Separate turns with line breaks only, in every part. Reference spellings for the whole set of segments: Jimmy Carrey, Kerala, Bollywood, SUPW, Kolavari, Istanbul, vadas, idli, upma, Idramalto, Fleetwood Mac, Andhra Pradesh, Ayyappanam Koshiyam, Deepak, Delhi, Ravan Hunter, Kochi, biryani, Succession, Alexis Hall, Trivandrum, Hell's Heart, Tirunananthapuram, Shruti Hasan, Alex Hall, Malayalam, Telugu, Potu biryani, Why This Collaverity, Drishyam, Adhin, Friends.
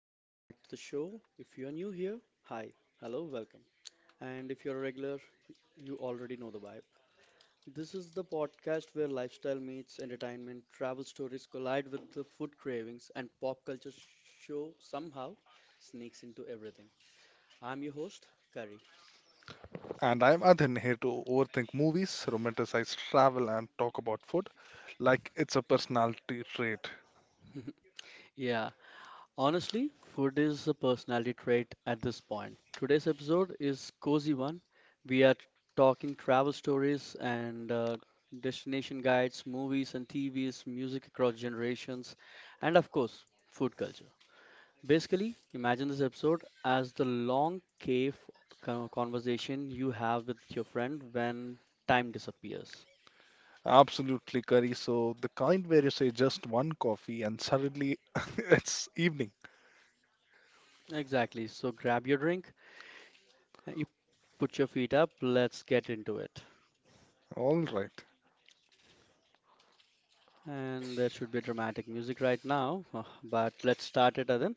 welcome back to the show. If you are new here, hi, hello, welcome. And if you're a regular, you already know the vibe. This is the podcast where lifestyle meets entertainment, travel stories collide with the food cravings, and pop culture show somehow sneaks into everything. I'm your host, Curry.
And I'm Adhin, here to overthink movies, romanticize travel, and talk about food like it's a personality trait.
Yeah, honestly, food is a personality trait at this point. Today's episode is cozy one. We are talking travel stories and destination guides, movies and TVs, music across generations, and of course, food culture. Basically, imagine this episode as the long cave conversation you have with your friend when time disappears.
Absolutely, Curry. So, the kind where you say just one coffee and suddenly it's evening.
Exactly. So grab your drink, you put your feet up, let's get into it.
All right.
And there should be dramatic music right now, but let's start it, Adan.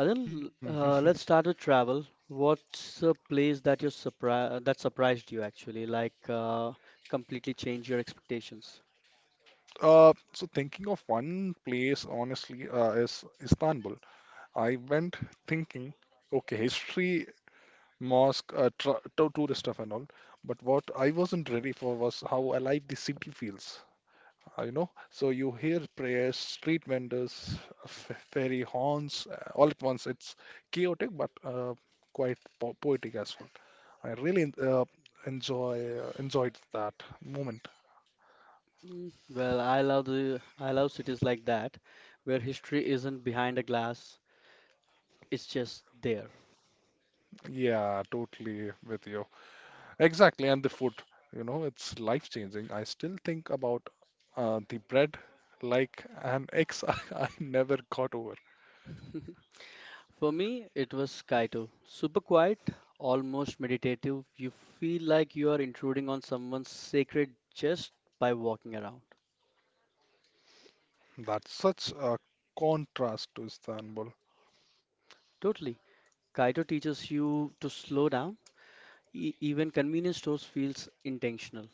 Adan,
Mhm.
uh, let's start with travel. What's a place that you surpri that surprised you actually, completely changed your expectations?
So thinking of one place, honestly, is Istanbul. I went thinking, okay, history, mosque, tra to tourist stuff and all, but what I wasn't ready for was how alive the city feels, you know. So you hear prayers, street vendors, fairy horns, all at once. It's chaotic but quite po poetic as well. I really enjoyed that moment.
Well, I love cities like that, where history isn't behind a glass; it's just there.
Yeah, totally with you. Exactly, and the food, you know, it's life changing. I still think about the bread like an ex I never got over.
For me, it was Kaito. Super quiet, almost meditative. You feel like you are intruding on someone's sacred just by walking around.
That's such a contrast to Istanbul.
Totally. Kaito teaches you to slow down. Even convenience stores feels intentional.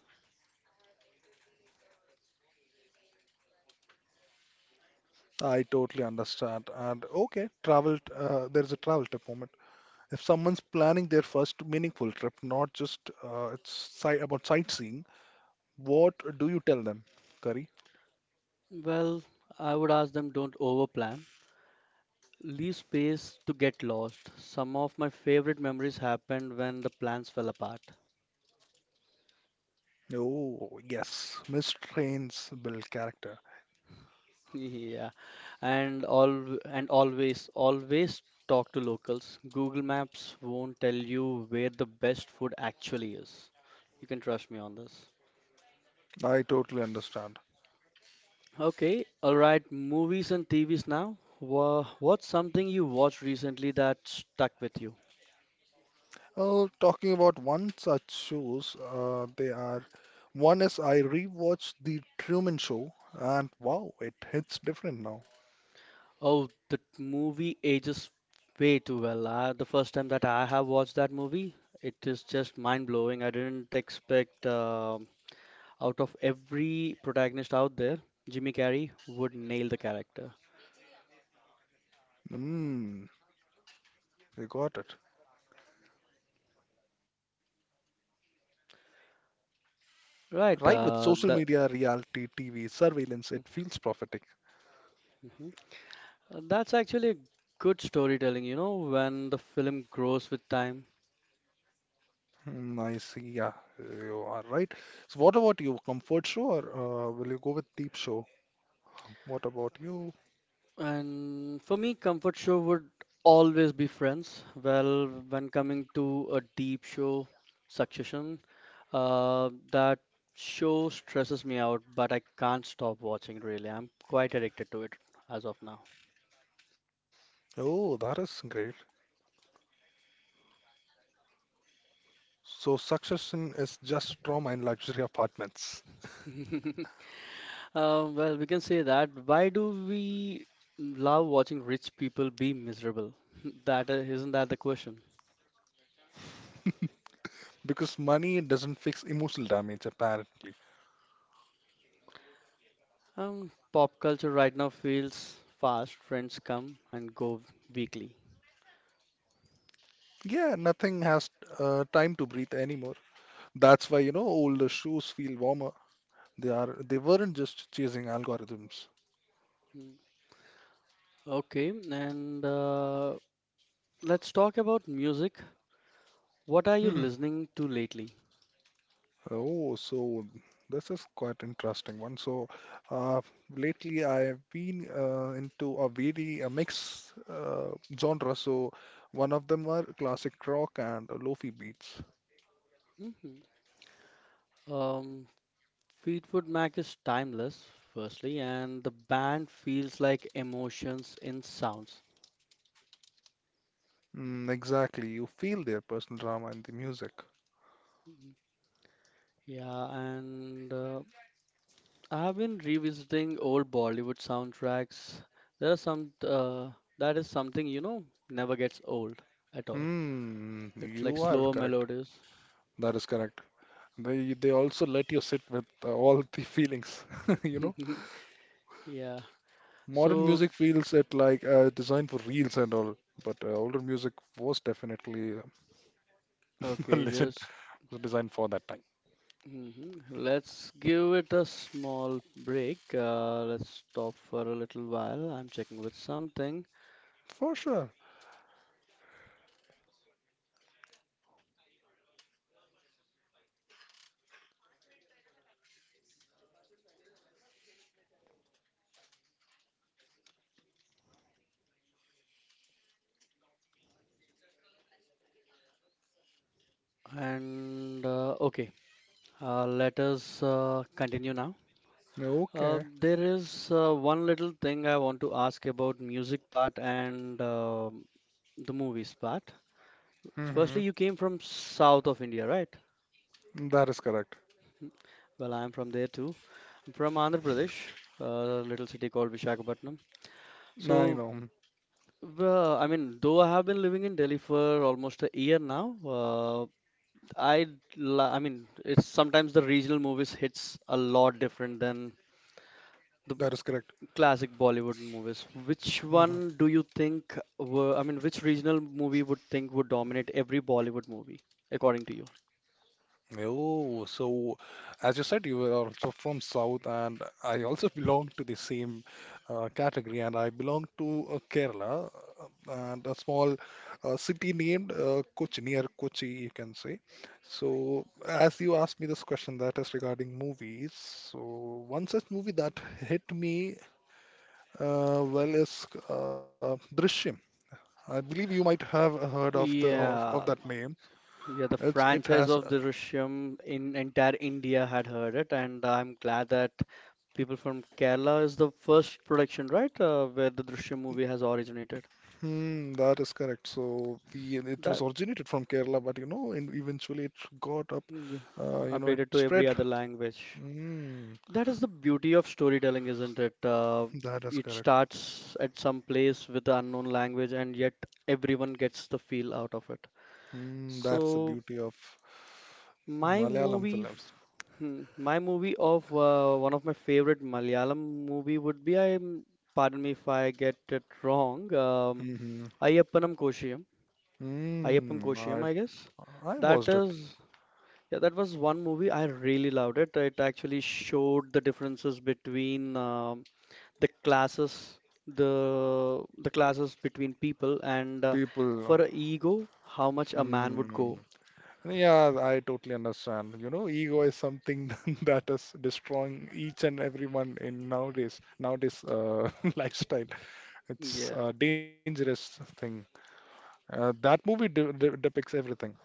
I totally understand. And okay, travel, there's a travel tip moment. If someone's planning their first meaningful trip, not just it's si about sightseeing, what do you tell them, Curry?
Well, I would ask them don't overplan. Leave space to get lost. Some of my favorite memories happened when the plans fell apart.
Oh, yes, missed trains build character.
Yeah, and all and always talk to locals. Google Maps won't tell you where the best food actually is. You can trust me on this.
I totally understand.
Okay, all right, movies and TVs now. What's something you watched recently that stuck with you?
Oh, talking about one such shows, they are one is I rewatched the Truman Show, and wow, it hits different now.
Oh, the movie ages way too well. The first time that I have watched that movie, it is just mind blowing. I didn't expect. Out of every protagonist out there, Jimmy Carrey would nail the character.
Mm, you got it. Right,
Right,
with social
that
media, reality TV, surveillance, it feels prophetic.
Mhm. That's actually a good storytelling, you know, when the film grows with time.
Hmm, I see. Yeah, you are right. So, what about you? Comfort show, or will you go with deep show? What about you?
And for me, comfort show would always be Friends. Well, when coming to a deep show, Succession, that show stresses me out, but I can't stop watching really. I'm quite addicted to it as of now.
Oh, that is great. So, Succession is just trauma in luxury apartments,
Well, we can say that. Why do we love watching rich people be miserable? That Isn't that the question?
because money doesn't fix emotional damage, apparently.
Pop culture right now feels fast. Trends come and go weekly.
Yeah, nothing has time to breathe anymore. That's why, you know, older shows feel warmer. They weren't just chasing algorithms.
Mm, Okay, and let's talk about music. What are you listening to lately?
Oh, so this is quite interesting one. So, uh, lately I have been into a very a mix genre. So, one of them are classic rock and lofi beats.
Mhm. Um, Fleetwood Mac is timeless, firstly, and the band feels like emotions in sounds.
Mm, exactly, you feel their personal drama in the music.
Mhm. Yeah, and I've been revisiting old Bollywood soundtracks. There are some that is something, you know, never gets old at all.
Hmm,
It's like
you are
slower
correct.
melodies.
That is correct. They also let you sit with all the feelings. You know,
Yeah.
modern
So
music feels it like designed for reels and all, but older music was definitely listen,
okay,
lesson
just
was designed for that time.
mhm. Let's give it a small break. Let's stop for a little while. I'm checking with something.
For sure.
And okay, let us continue now.
Okay.
There is one little thing I want to ask about music part and the movies part.
Hmm.
Firstly, you came from south of India, right?
That is correct.
Well, I'm from there too. I'm from Andhra Pradesh, a little city called Visakhapatnam.
I know.
So,
Mhm.
well, I mean, though I have been living in Delhi for almost a year now, I, I mean, it's sometimes the regional movies hits a lot different than the
That is correct.
Classic Bollywood movies. Which
Hmm.
one do you think were, I mean, which regional movie would think would dominate every Bollywood movie, according to you?
Oh, so as you said, you were also from South, and I also belong to the same category, and I belong to Kerala, uh, and a small city named Kochi, near Kochi, you can say. So, as you asked me this question, that is regarding movies. So, one such movie that hit me, well, it's Drishyam. I believe you might have heard of of
Yeah,
that name.
yeah, the
It's it
franchise
has.
of Drishyam in entire India had heard it, and I'm glad that people from Kerala is the first production, right, where the Drishyam movie has originated.
That is correct. So we It was
That
originated from Kerala, but you know, and eventually it got up.
mm,
You know, it
Updated to every
spread.
other language.
Hmm,
That is the beauty of storytelling, isn't it?
that is
It
correct.
starts at some place with the unknown language, and yet everyone gets the feel out of it.
Hmm, that's the
So
beauty of
my
Malayalam
movie,
films.
f- my movie of one of my favorite Malayalam movie would be I. Pardon me if I get it wrong.
Mm-hmm.
Ayyappanam Koshiyam. Ayyappan
Hmm,
Koshiyam, I guess.
I
That
watched it.
is, yeah, that was one movie I really loved it. It actually showed the differences between the classes, the classes between people, and
People.
for a ego, how much a man would
Hmm.
go.
Yeah, I totally understand. You know, ego is something that is destroying each and everyone in nowadays lifestyle. It's
Yeah,
a dangerous thing. That movie de de depicts everything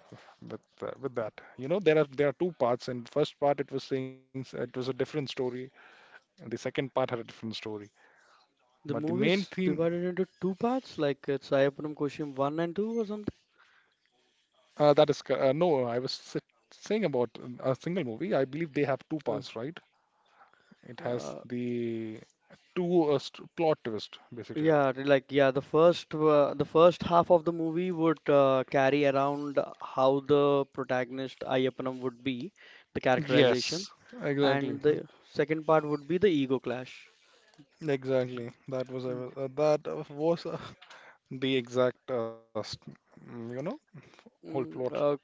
with that. You know, there are two parts. In first part, it was a different story, and the second part had a different story.
the
But the
movie is
main
divided
theme,
into two parts like it's Ayapanam Koshiyam 1 and 2 or something.
no, saying about a single movie. I believe they have two
uh,
parts, right? It has
uh,
the to plot twist, basically.
yeah, like yeah, the first half of the movie would carry around how the protagonist Ayapanam would be, the characterization,
Yes, exactly,
and the second part would be the ego clash.
exactly. That was a, that was the exact, you know, whole plot.
Mm, uh,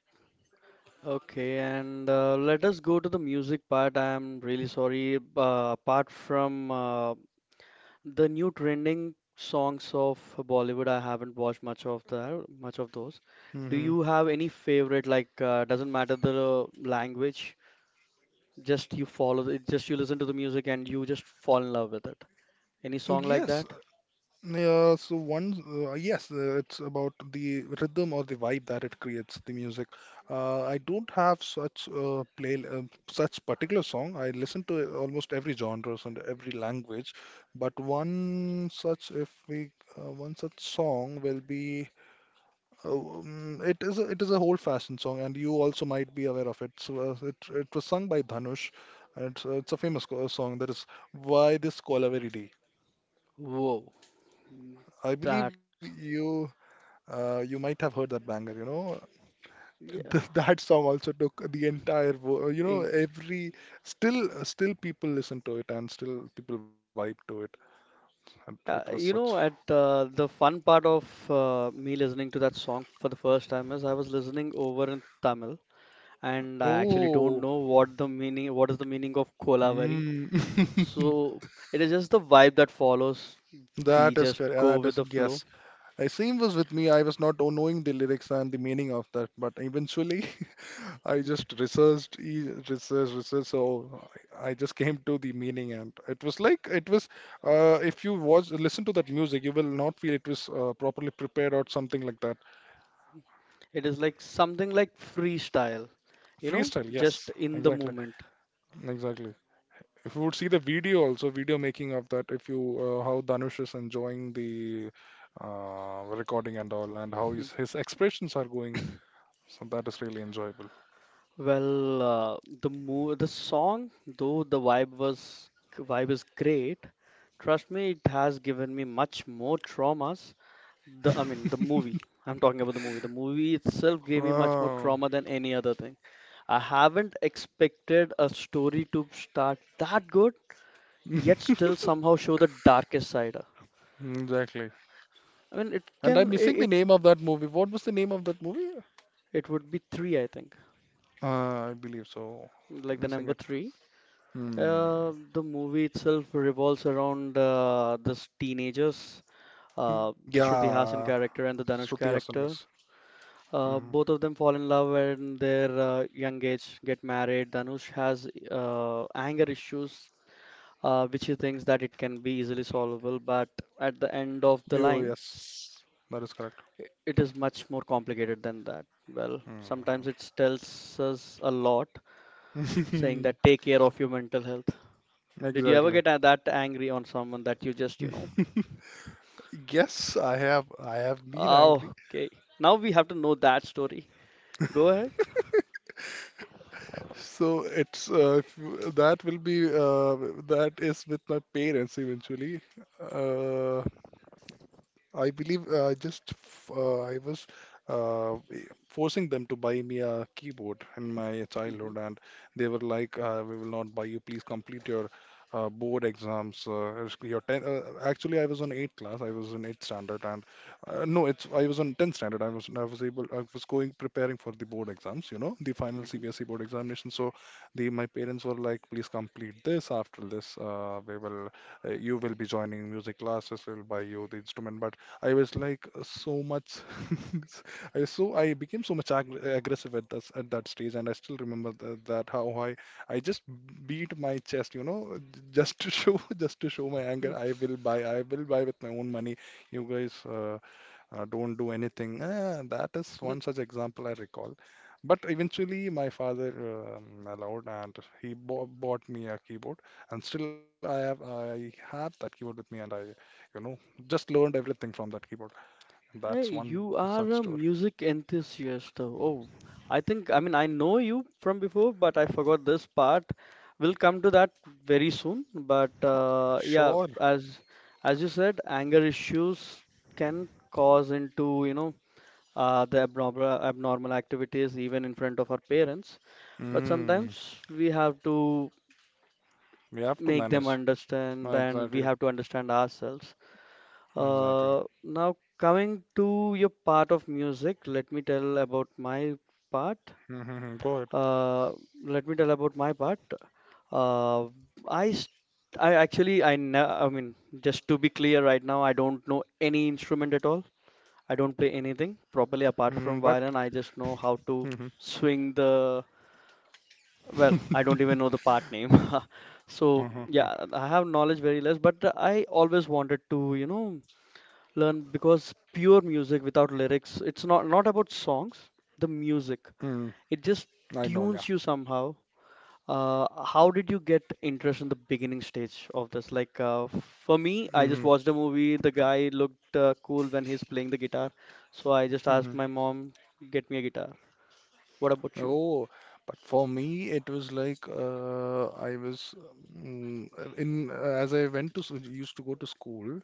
Okay, and let us go to the music part. I am really sorry. Apart from the new trending songs of Bollywood, I haven't watched much of the much of those. Do
Hmm.
you have any favorite? Like, doesn't matter the language, just you follow it, just you listen to the music and you just fall in love with it. Any song like
Yes,
that?
yeah. So one, yes, it's about the rhythm or the vibe that it creates, the music. I don't have such play such particular song. I listen to almost every genres and every language, but one such if we one such song will be. Oh. It is a, it is a old fashioned song, and you also might be aware of it. So it was sung by Dhanush, and it's a famous song, that is, "Why This Collaverity."
Whoa,
I believe
that
you might have heard that banger. You know,
Yeah.
That song also took the entire you know
In,
every still people listen to it and still people vibe to it. And it was
Yeah,
such.
you know, at the fun part of me listening to that song for the first time is I was listening over in Tamil, and I actually don't
Oh.
know what the meaning, what is the meaning of Kolavari.
Mm.
So it is just the vibe that follows. We
That is
just go
correct. That
with
is
the flow.
yes. Same was with me. I was not knowing the lyrics and the meaning of that, but eventually I just researched. I just came to the meaning, and it was like it was. If you watch, listen to that music, you will not feel it was properly prepared or something like that.
It is like something like freestyle, you know,
Freestyle, yes,
just in the
exactly,
moment.
exactly. If you would see the video also, video making of that, if you how Danush is enjoying the recording and all, and how his expressions are going, so that is really enjoyable.
Well, the song, though the vibe was vibe is great, trust me, it has given me much more traumas. The I mean, the movie. I'm talking about the movie. The movie itself gave me much more
Oh.
trauma than any other thing. I haven't expected a story to start that good, yet still somehow show the darkest side.
Exactly.
I mean, it
And I'm
can it
missing the
it,
name of that movie. What was the name of that movie?
It would be three, I think,
Uh, I believe so.
like the
Missing
number
it.
three.
Hmm.
The movie itself revolves around this teenagers, the Shruti
Yeah.
Hasan character and the
Shruti
Dhanush
Hasan, yes.
character.
Mm.
Both of them fall in love and their young age, get married. Dhanush has anger issues, which he thinks that it can be easily solvable, but at the end of
Oh,
the line,
yes. That is correct.
it is much more complicated than that. Well,
Hmm.
sometimes it tells us a lot, saying that take care of your mental health. Did you ever
Exactly.
get that angry on someone that you just, you know?
Yes, I have. I have been angry.
Oh, okay. Now we have to know that story. Go ahead.
So it's if you- that will be that is with my parents eventually. Uh, I believe I was uh, eh, forcing them to buy me a keyboard in my
Hmm
childhood, and they were like, "We will not buy you. Please complete your board exams. It's your actually, I was on eighth class. I was in eighth standard, and no, it's I was on tenth standard. I was able. I was going preparing for the board exams. You know, the final CBSE board examination. So, the my parents were like, "Please complete this. After this, we will." You will be joining music classes, we'll buy you the instrument, but I was like I became so much ag aggressive at that stage, and I still remember that, that how I just beat my chest, you know, just to show just to show my
hmm
anger. I will buy with my own money. You guys, don't do anything. Eh, that is one such example I recall. But eventually, my father allowed, and he bo bought me a keyboard, and still I have that keyboard with me, and I, you know, just learned everything from that keyboard.
Hey,
That's one
you
such
are
story.
a music enthusiast though. Oh, I think, I mean, I know you from before, but I forgot this part. We'll come to that very soon. But yeah,
Sure.
as you said, anger issues can cause into, you know, the abnormal activities even in front of our parents. But
Mm,
sometimes we have to
we have to
make them
manage.
understand and we
Exactly.
have to understand ourselves.
Exactly.
Now coming to your part of music, let me tell about my part.
Mm-hmm, go ahead.
uh, Let me tell about my part. uh, I st- I actually I ne- I mean just to be clear right now, I don't know any instrument at all. I don't play anything properly
Mm,
apart
but.
from violin. I just know how to
Mm-hmm.
swing the, well, I don't even know the part name. So
Uh-huh.
yeah, I have knowledge very less, but I always wanted to, you know, learn, because pure music without lyrics, it's not not about songs, the music,
Mm,
it just
I know. Yeah.
tunes you somehow. How did you get interest in the beginning stage of this? Like for me, I just
Mm-hmm.
watched a movie, the guy looked cool when he's playing the guitar, so I just asked
Mm-hmm.
my mom get me a guitar. What about you?
Oh, but for me, it was like mm, in as I went to s- used to go to school.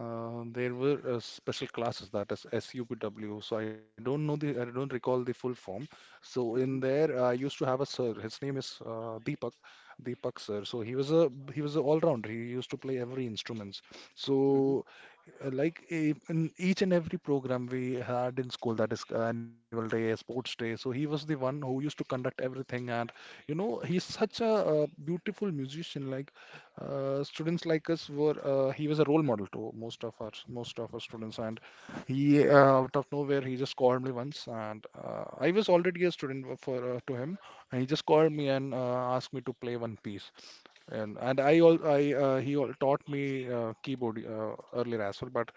There were special classes, that is SUPW. So I don't know the I don't recall the full form. So in
Hmm
there, I used to have a sir. His name is Deepak. Deepak sir. So he was an all rounder. He used to play every instruments.
hmm
So in each and every program we had in school, that is annual day, sports day. So he was the one who used to conduct everything, and you know he's such a beautiful musician. Like students like us were, he was a role model to most of our students, and he out of nowhere he just called me once, and I was already a student for to him, and he just called me and asked me to play one piece. And I all I he all taught me keyboard earlier as well, but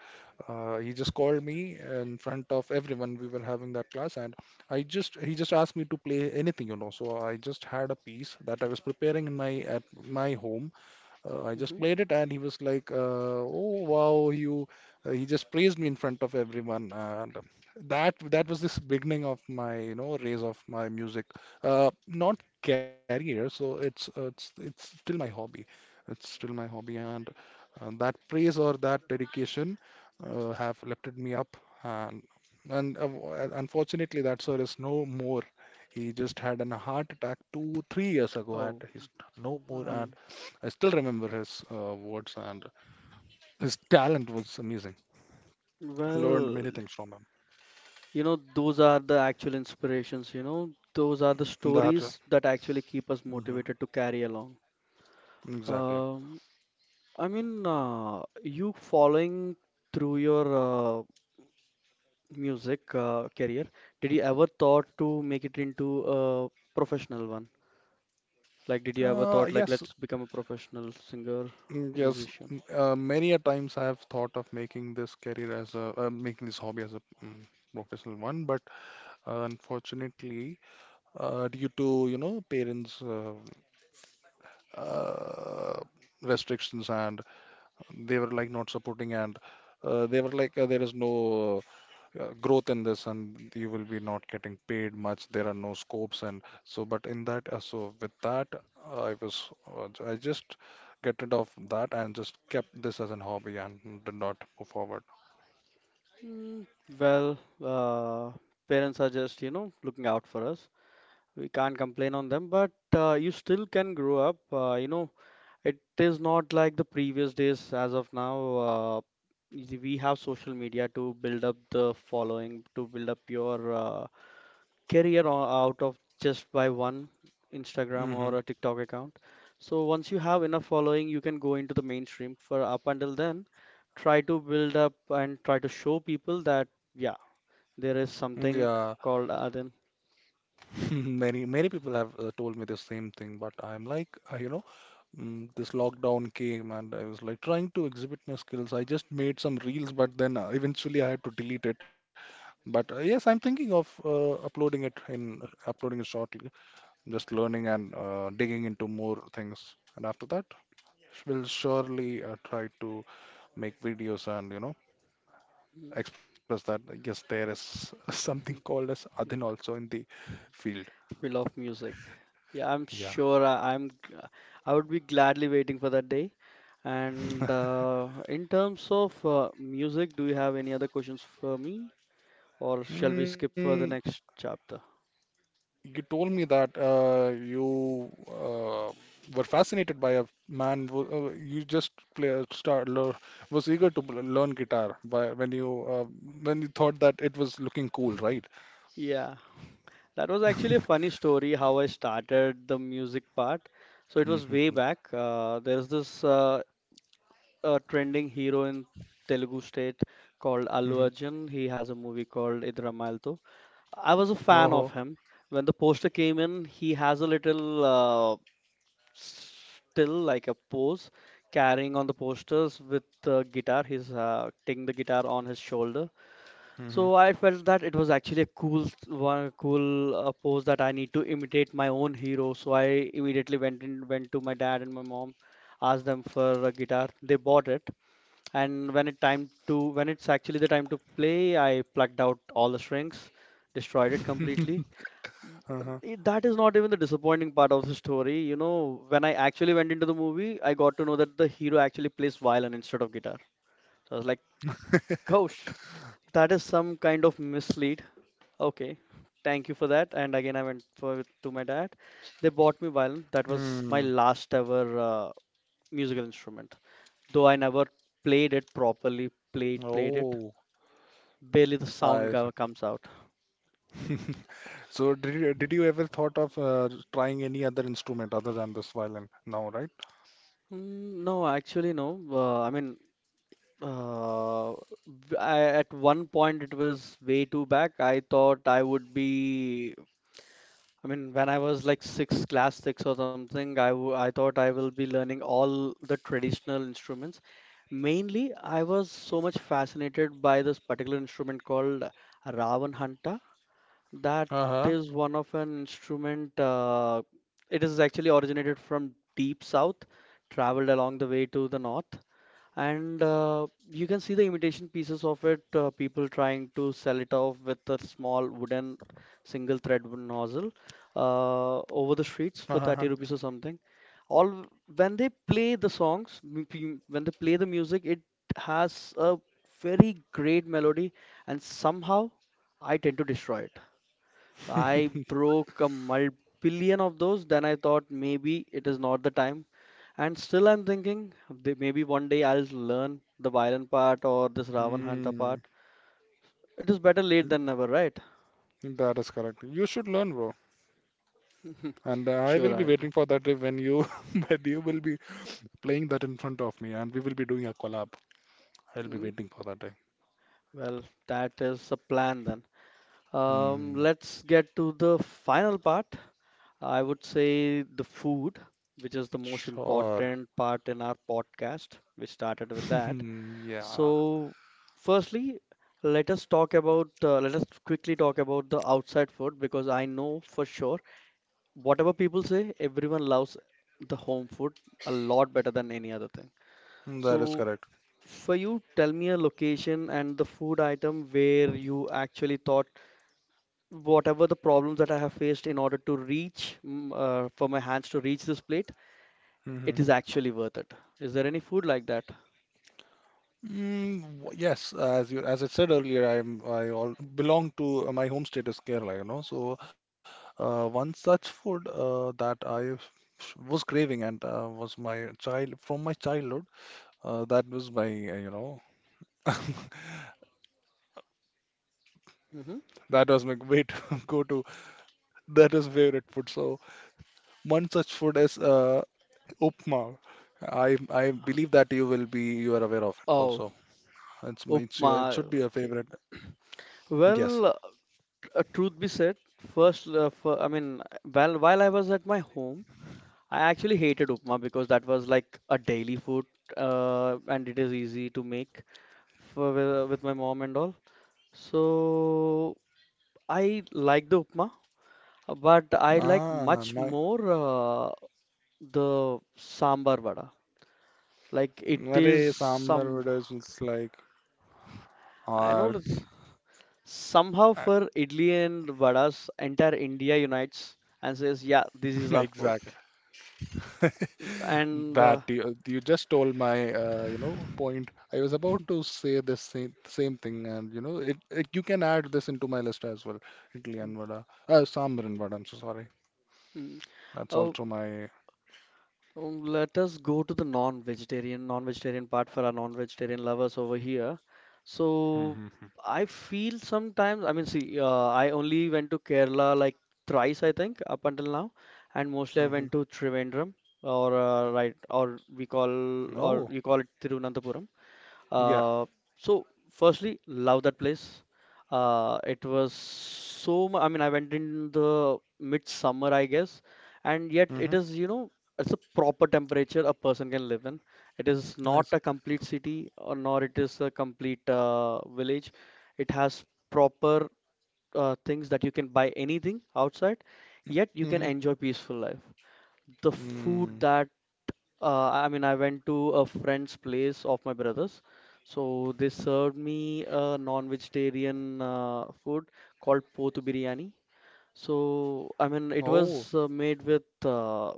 he just called me in front of everyone. We were having that class, and I just he just asked me to play anything, you know. So I just had a piece that I was preparing in my at my home. I just
hmm
played it, and he was like, "Oh wow, you!" He just praised me in front of everyone, and that that was this beginning of my, you know, raise of my music. Not career, so it's it's still my hobby. It's still my hobby, and that praise or that dedication have lifted me up, and unfortunately, that sir is no more. He just had an heart attack two, 3 years ago, and
Oh,
he's no more. And.
I'm.
I still remember his words, and his talent was amazing. Learned
Well,
many things from him.
you know, those are the actual inspirations, you know, those are the
That uh,
stories that actually keep us
mhm,
motivated to carry along.
exactly.
Um, I mean, you following through your music career, did you ever thought to make it into a professional one? Like, did you ever thought like,
Yes,
let's become a professional singer or
yes.
musician?
Many a times I have thought of making this career as a making this hobby as a professional one, but unfortunately, due to parents' uh, restrictions, and they were like not supporting, and they were like there is no growth in this and you will be not getting paid much, there are no scopes and so, but in that so with that I was I just get rid of that and just kept this as a hobby and did not move forward.
Mm, well, uh, parents are just, you know, looking out for us. We can't complain on them, but you still can grow up, you know, it is not like the previous days as of now. uh, we have social media to build up the following, to build up your career out of just by one Instagram
Hmm.
or a TikTok account. So once you have enough following you can go into the mainstream, for up until then try to build up and try to show people that yeah, there is
Yeah,
something called Aden.
many people have told me the same thing, but I'm like, this lockdown came and I was like trying to exhibit my skills. I just made some reels, but then eventually I had to delete it. But yes, I'm thinking of uploading it shortly. Just learning and digging into more things, and after that, we'll surely try to make videos and express that yes, there is something called as Adhin also in the field.
We love music. Yeah, I'm
Yeah.
sure I'm. I would be gladly waiting for that day. And in terms of music, do you have any other questions for me, or shall we skip for the
Hmm.
next chapter?
You told me that you were fascinated by a man who you just play, start, lear- was eager to learn guitar by when you thought that it was looking cool, right?
Yeah, that was actually a funny story how I started the music part. So it was way
Mm-hmm.
back. There's this trending hero in Telugu state called Allu
Hmm.
Arjun. He has a movie called Idramalto. I was a fan of
Oh.
him. When the poster came in, he has a little still like a pose carrying on the posters with the guitar. He's taking the guitar on his shoulder.
Hmm.
So I felt that it was actually a one, cool pose that I need to imitate my own hero. So I immediately went to my dad and my mom, asked them for a guitar. They bought it, and when it's actually the time to play, I plucked out all the strings, destroyed it completely.
Uh-huh.
That is not even the disappointing part of the story. You know, when I actually went into the movie, I got to know that the hero actually plays violin instead of guitar. So I was like, gosh, that is some kind of mislead. Okay, thank you for that. And again, I went for to my dad. They bought me violin. That was my
Hmm.
last ever musical instrument. Though I never played it properly, played it.
Oh,
Barely the
I see.
comes out.
So did you ever thought of trying any other instrument other than this violin now, right?
Mm, no, actually no. Uh, I, at one point it was way too back. I thought I would be, I mean, when I was like six, class six or something, I thought I will be learning all the traditional instruments. Mainly, I was so much fascinated by this particular instrument called Ravanhanta. That
Uh-huh.
is one of an instrument. It is actually originated from deep south, traveled along the way to the north. And you can see the imitation pieces of it, people trying to sell it off with a small wooden single thread nozzle
Uh-huh.
over the streets for 30 rupees or something. All When they play the when they play the music, it has a very great melody, and somehow I tend to destroy it. I broke a multi billion of those, then I thought maybe it is not the time. And still, I'm thinking maybe one day I'll learn the violin part or this Ravan Hunter
Hmm.
part. It is better late than never, right?
That is correct. You should learn, bro. And I will
Sure,
be
I'll do.
waiting for that day when you when you will be playing that in front of me and we will be doing a collab. I'll be
Mm,
waiting for that day.
well, that is a plan then.
Hmm.
Let's get to the final part. I would say the food, which is the most
Sure.
important part in our podcast. We started with that.
Yeah.
So, firstly, let us talk about, let us quickly talk about the outside food because I know for sure whatever people say, everyone loves the home food a lot better than any other thing.
Mm, that is
So,
correct.
for you, tell me a location and the food item where you actually thought whatever the problems that I have faced in order to reach for my hands to reach this plate, it
Hmm.
is actually worth it. Is there any food like that?
Yes, as you as I said earlier, I'm I all belong to my home state is Kerala, you know. So one such food that was craving and was my child from my childhood. That was my uh, you know
hmm
that was my way to go to. That was favorite food. So one such food is upma. I believe that you will be you are aware of it
Oh,
also.
upma.
It should be your
Okay.
favorite. Yes.
Well, truth be said, I mean, while I was at my home. I actually hated upma because that was like a daily food, and it is easy to make with my mom and all. So I like the upma, but I like
Ah,
much
my
more the sambar vada. Like it is
sambar
some,
would is like.
I know
Ah,
it's somehow for idli and vadas, entire India unites and says, yeah, this is our food.
exactly.
And
That you just told my point. I was about to say the same thing, and it you can add this into my list as well. Idli
mm,
and vada, sambar and vada. I'm so sorry.
mm.
That's
Oh,
also my.
Let us go to the non-vegetarian, non-vegetarian part for our non-vegetarian lovers over here. So
Hmm.
I feel sometimes, I mean, see, I only went to Kerala like thrice, I think, up until now, and mostly I
Hmm.
went to Trivandrum or right, or
Oh,
you call it Tirunananthapuram.
yeah.
Uh, so firstly, love that place. It was so mu- I mean, I went in the midsummer, I guess, and
Hmm.
yet it is, you know, it's a proper temperature a person can live in. It is not
Nice.
a complete city, or nor it is a complete village. It has proper things that you can buy anything outside, yet
Hmm.
you can enjoy peaceful life. The food
Mm.
that I mean, I went to a friend's place of my brother's. So they served me a non-vegetarian food called Potu biryani. So, I mean, it
Oh,
was made with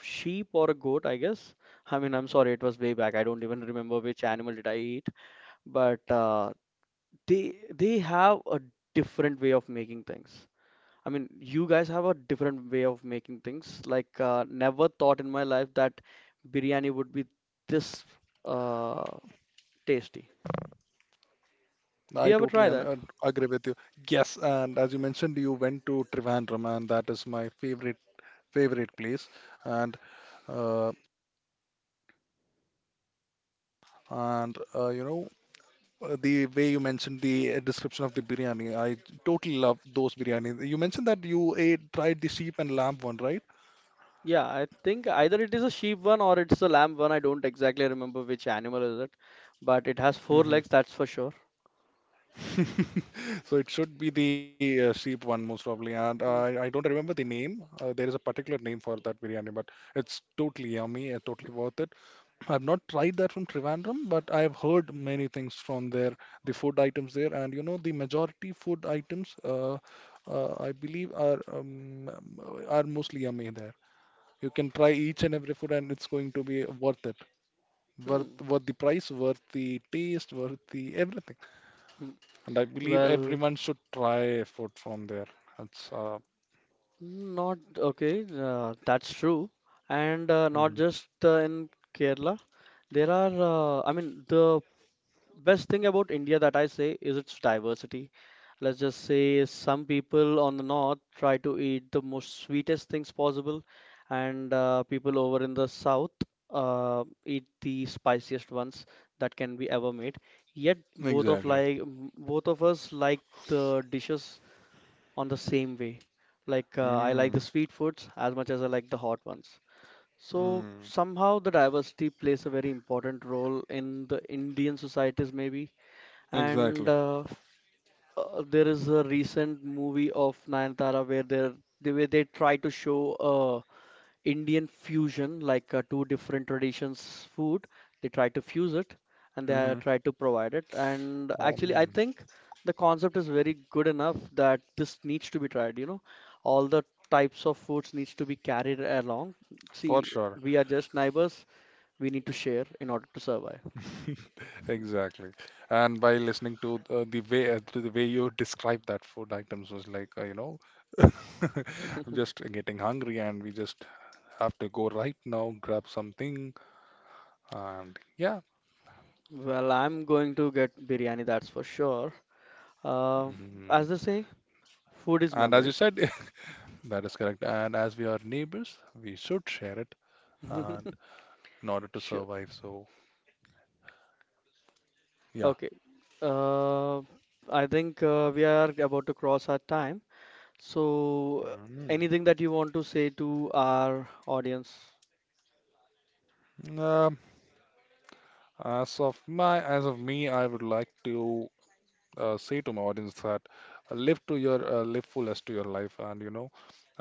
sheep or a goat, I guess. I mean, I'm sorry, it was way back. I don't even remember which animal did I eat. But they have a different way of making things. I mean, you guys have a different way of making things. Like, never thought in my life that biryani would be this uh, tasty. Did
I
you ever
totally
try
un
that?
agree with you. Yes, and as you mentioned, you went to Trivandrum, and that is my favorite place. And uh, and you know The way you mentioned the description of the biryani, I totally love those biryani. You mentioned that you ate tried the sheep and lamb one, right?
Yeah, I think either it is a sheep one or it's a lamb one. I don't exactly remember which animal is it, but it has four legs, that's for sure.
So it should be the sheep one most probably, and
Hmm.
I don't remember the name. There is a particular name for that biryani, but it's totally yummy, totally worth it. I've not tried that from Trivandrum, but I've heard many things from there, the food items there, and you know the majority food items, I believe are mostly yummy there. You can try each and every food, and it's going to be worth it, worth
Hmm,
worth the price, worth the taste, worth the everything.
hmm.
And I believe
Well,
everyone should try food from there. That's
not okay. That's true, and not
Mhm.
just in Kerala. There are, I mean, the Best thing about India that I say is its diversity. Let's just say some people on the north try to eat the most sweetest things possible, and people over in the south eat the spiciest ones that can be ever made. Yet
Exactly.
both of us like the dishes on the same way. Like I like the
Mm,
sweet foods as much as I like the hot ones. So
mm,
somehow the diversity plays a very important role in the Indian societies maybe and
exactly.
there is a recent movie of Nayantara where the way they try to show Indian fusion like two different traditions food, they try to fuse it and
Hmm.
try to provide it, and actually I
Um,
think the concept is very good enough that this needs to be tried, you know, all the types of foods needs to be carried along.
for
See,
sure.
we are just neighbors, we need to share in order to survive.
Exactly. And by listening to the way to the way you describe that food items was like, I'm just getting hungry and we just have to go right now, grab something, and yeah.
Well, I'm going to get biryani, that's for sure. Uh,
Hmm.
as they say, food is
And as you
memory.
said, that is correct. And as we are neighbors, we should share it. Uh, in order to
Sure.
survive. So yeah.
Okay. Uh, I think we are about to cross our time. So,
Mm.
anything that you want to say to our audience?
Um, as of me, I would like to say to my audience that live to your live fullest to your life, and you know,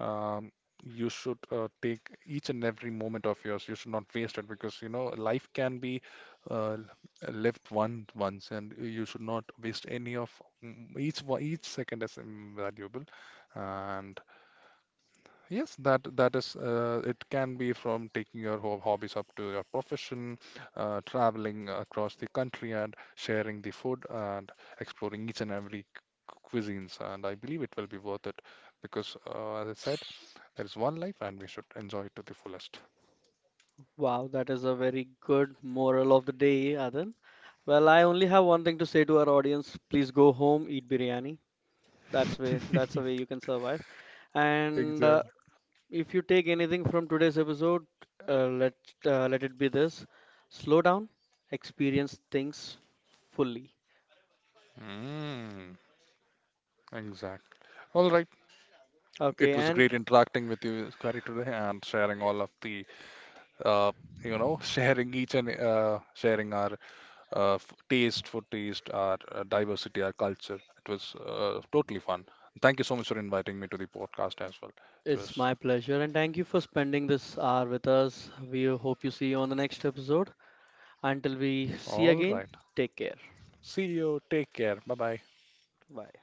um, you should take each and every moment of yours. You should not waste it because you know life can be uh, lived one once, and you should not waste any of each one. Each second is invaluable, and yes, that is it can be from taking your ho hobbies up to your profession, traveling across the country and sharing the food and exploring each and every cuisines. And I believe it will be worth it because, as I said, there is one life and we should enjoy it to the fullest.
Wow, that is a very good moral of the day, Adan. Well, I only have one thing to say to our audience. Please go home, eat biryani. That's the way you can survive. And
Exactly.
if you take anything from today's episode, uh, let let it be this: slow down, experience things fully.
Mm, exact. All right. It
Okay,
was
and
great interacting with you, Kari, today and sharing all of the, uh, sharing each and sharing our taste for taste, our diversity, our culture. It was totally fun. Thank you so much for inviting me to the podcast as well. It
it's
was
my pleasure, and thank you for spending this hour with us. We hope you see you on the next episode. Until we
all
see
right.
again, take care.
See you. Take care. Bye bye.
Bye.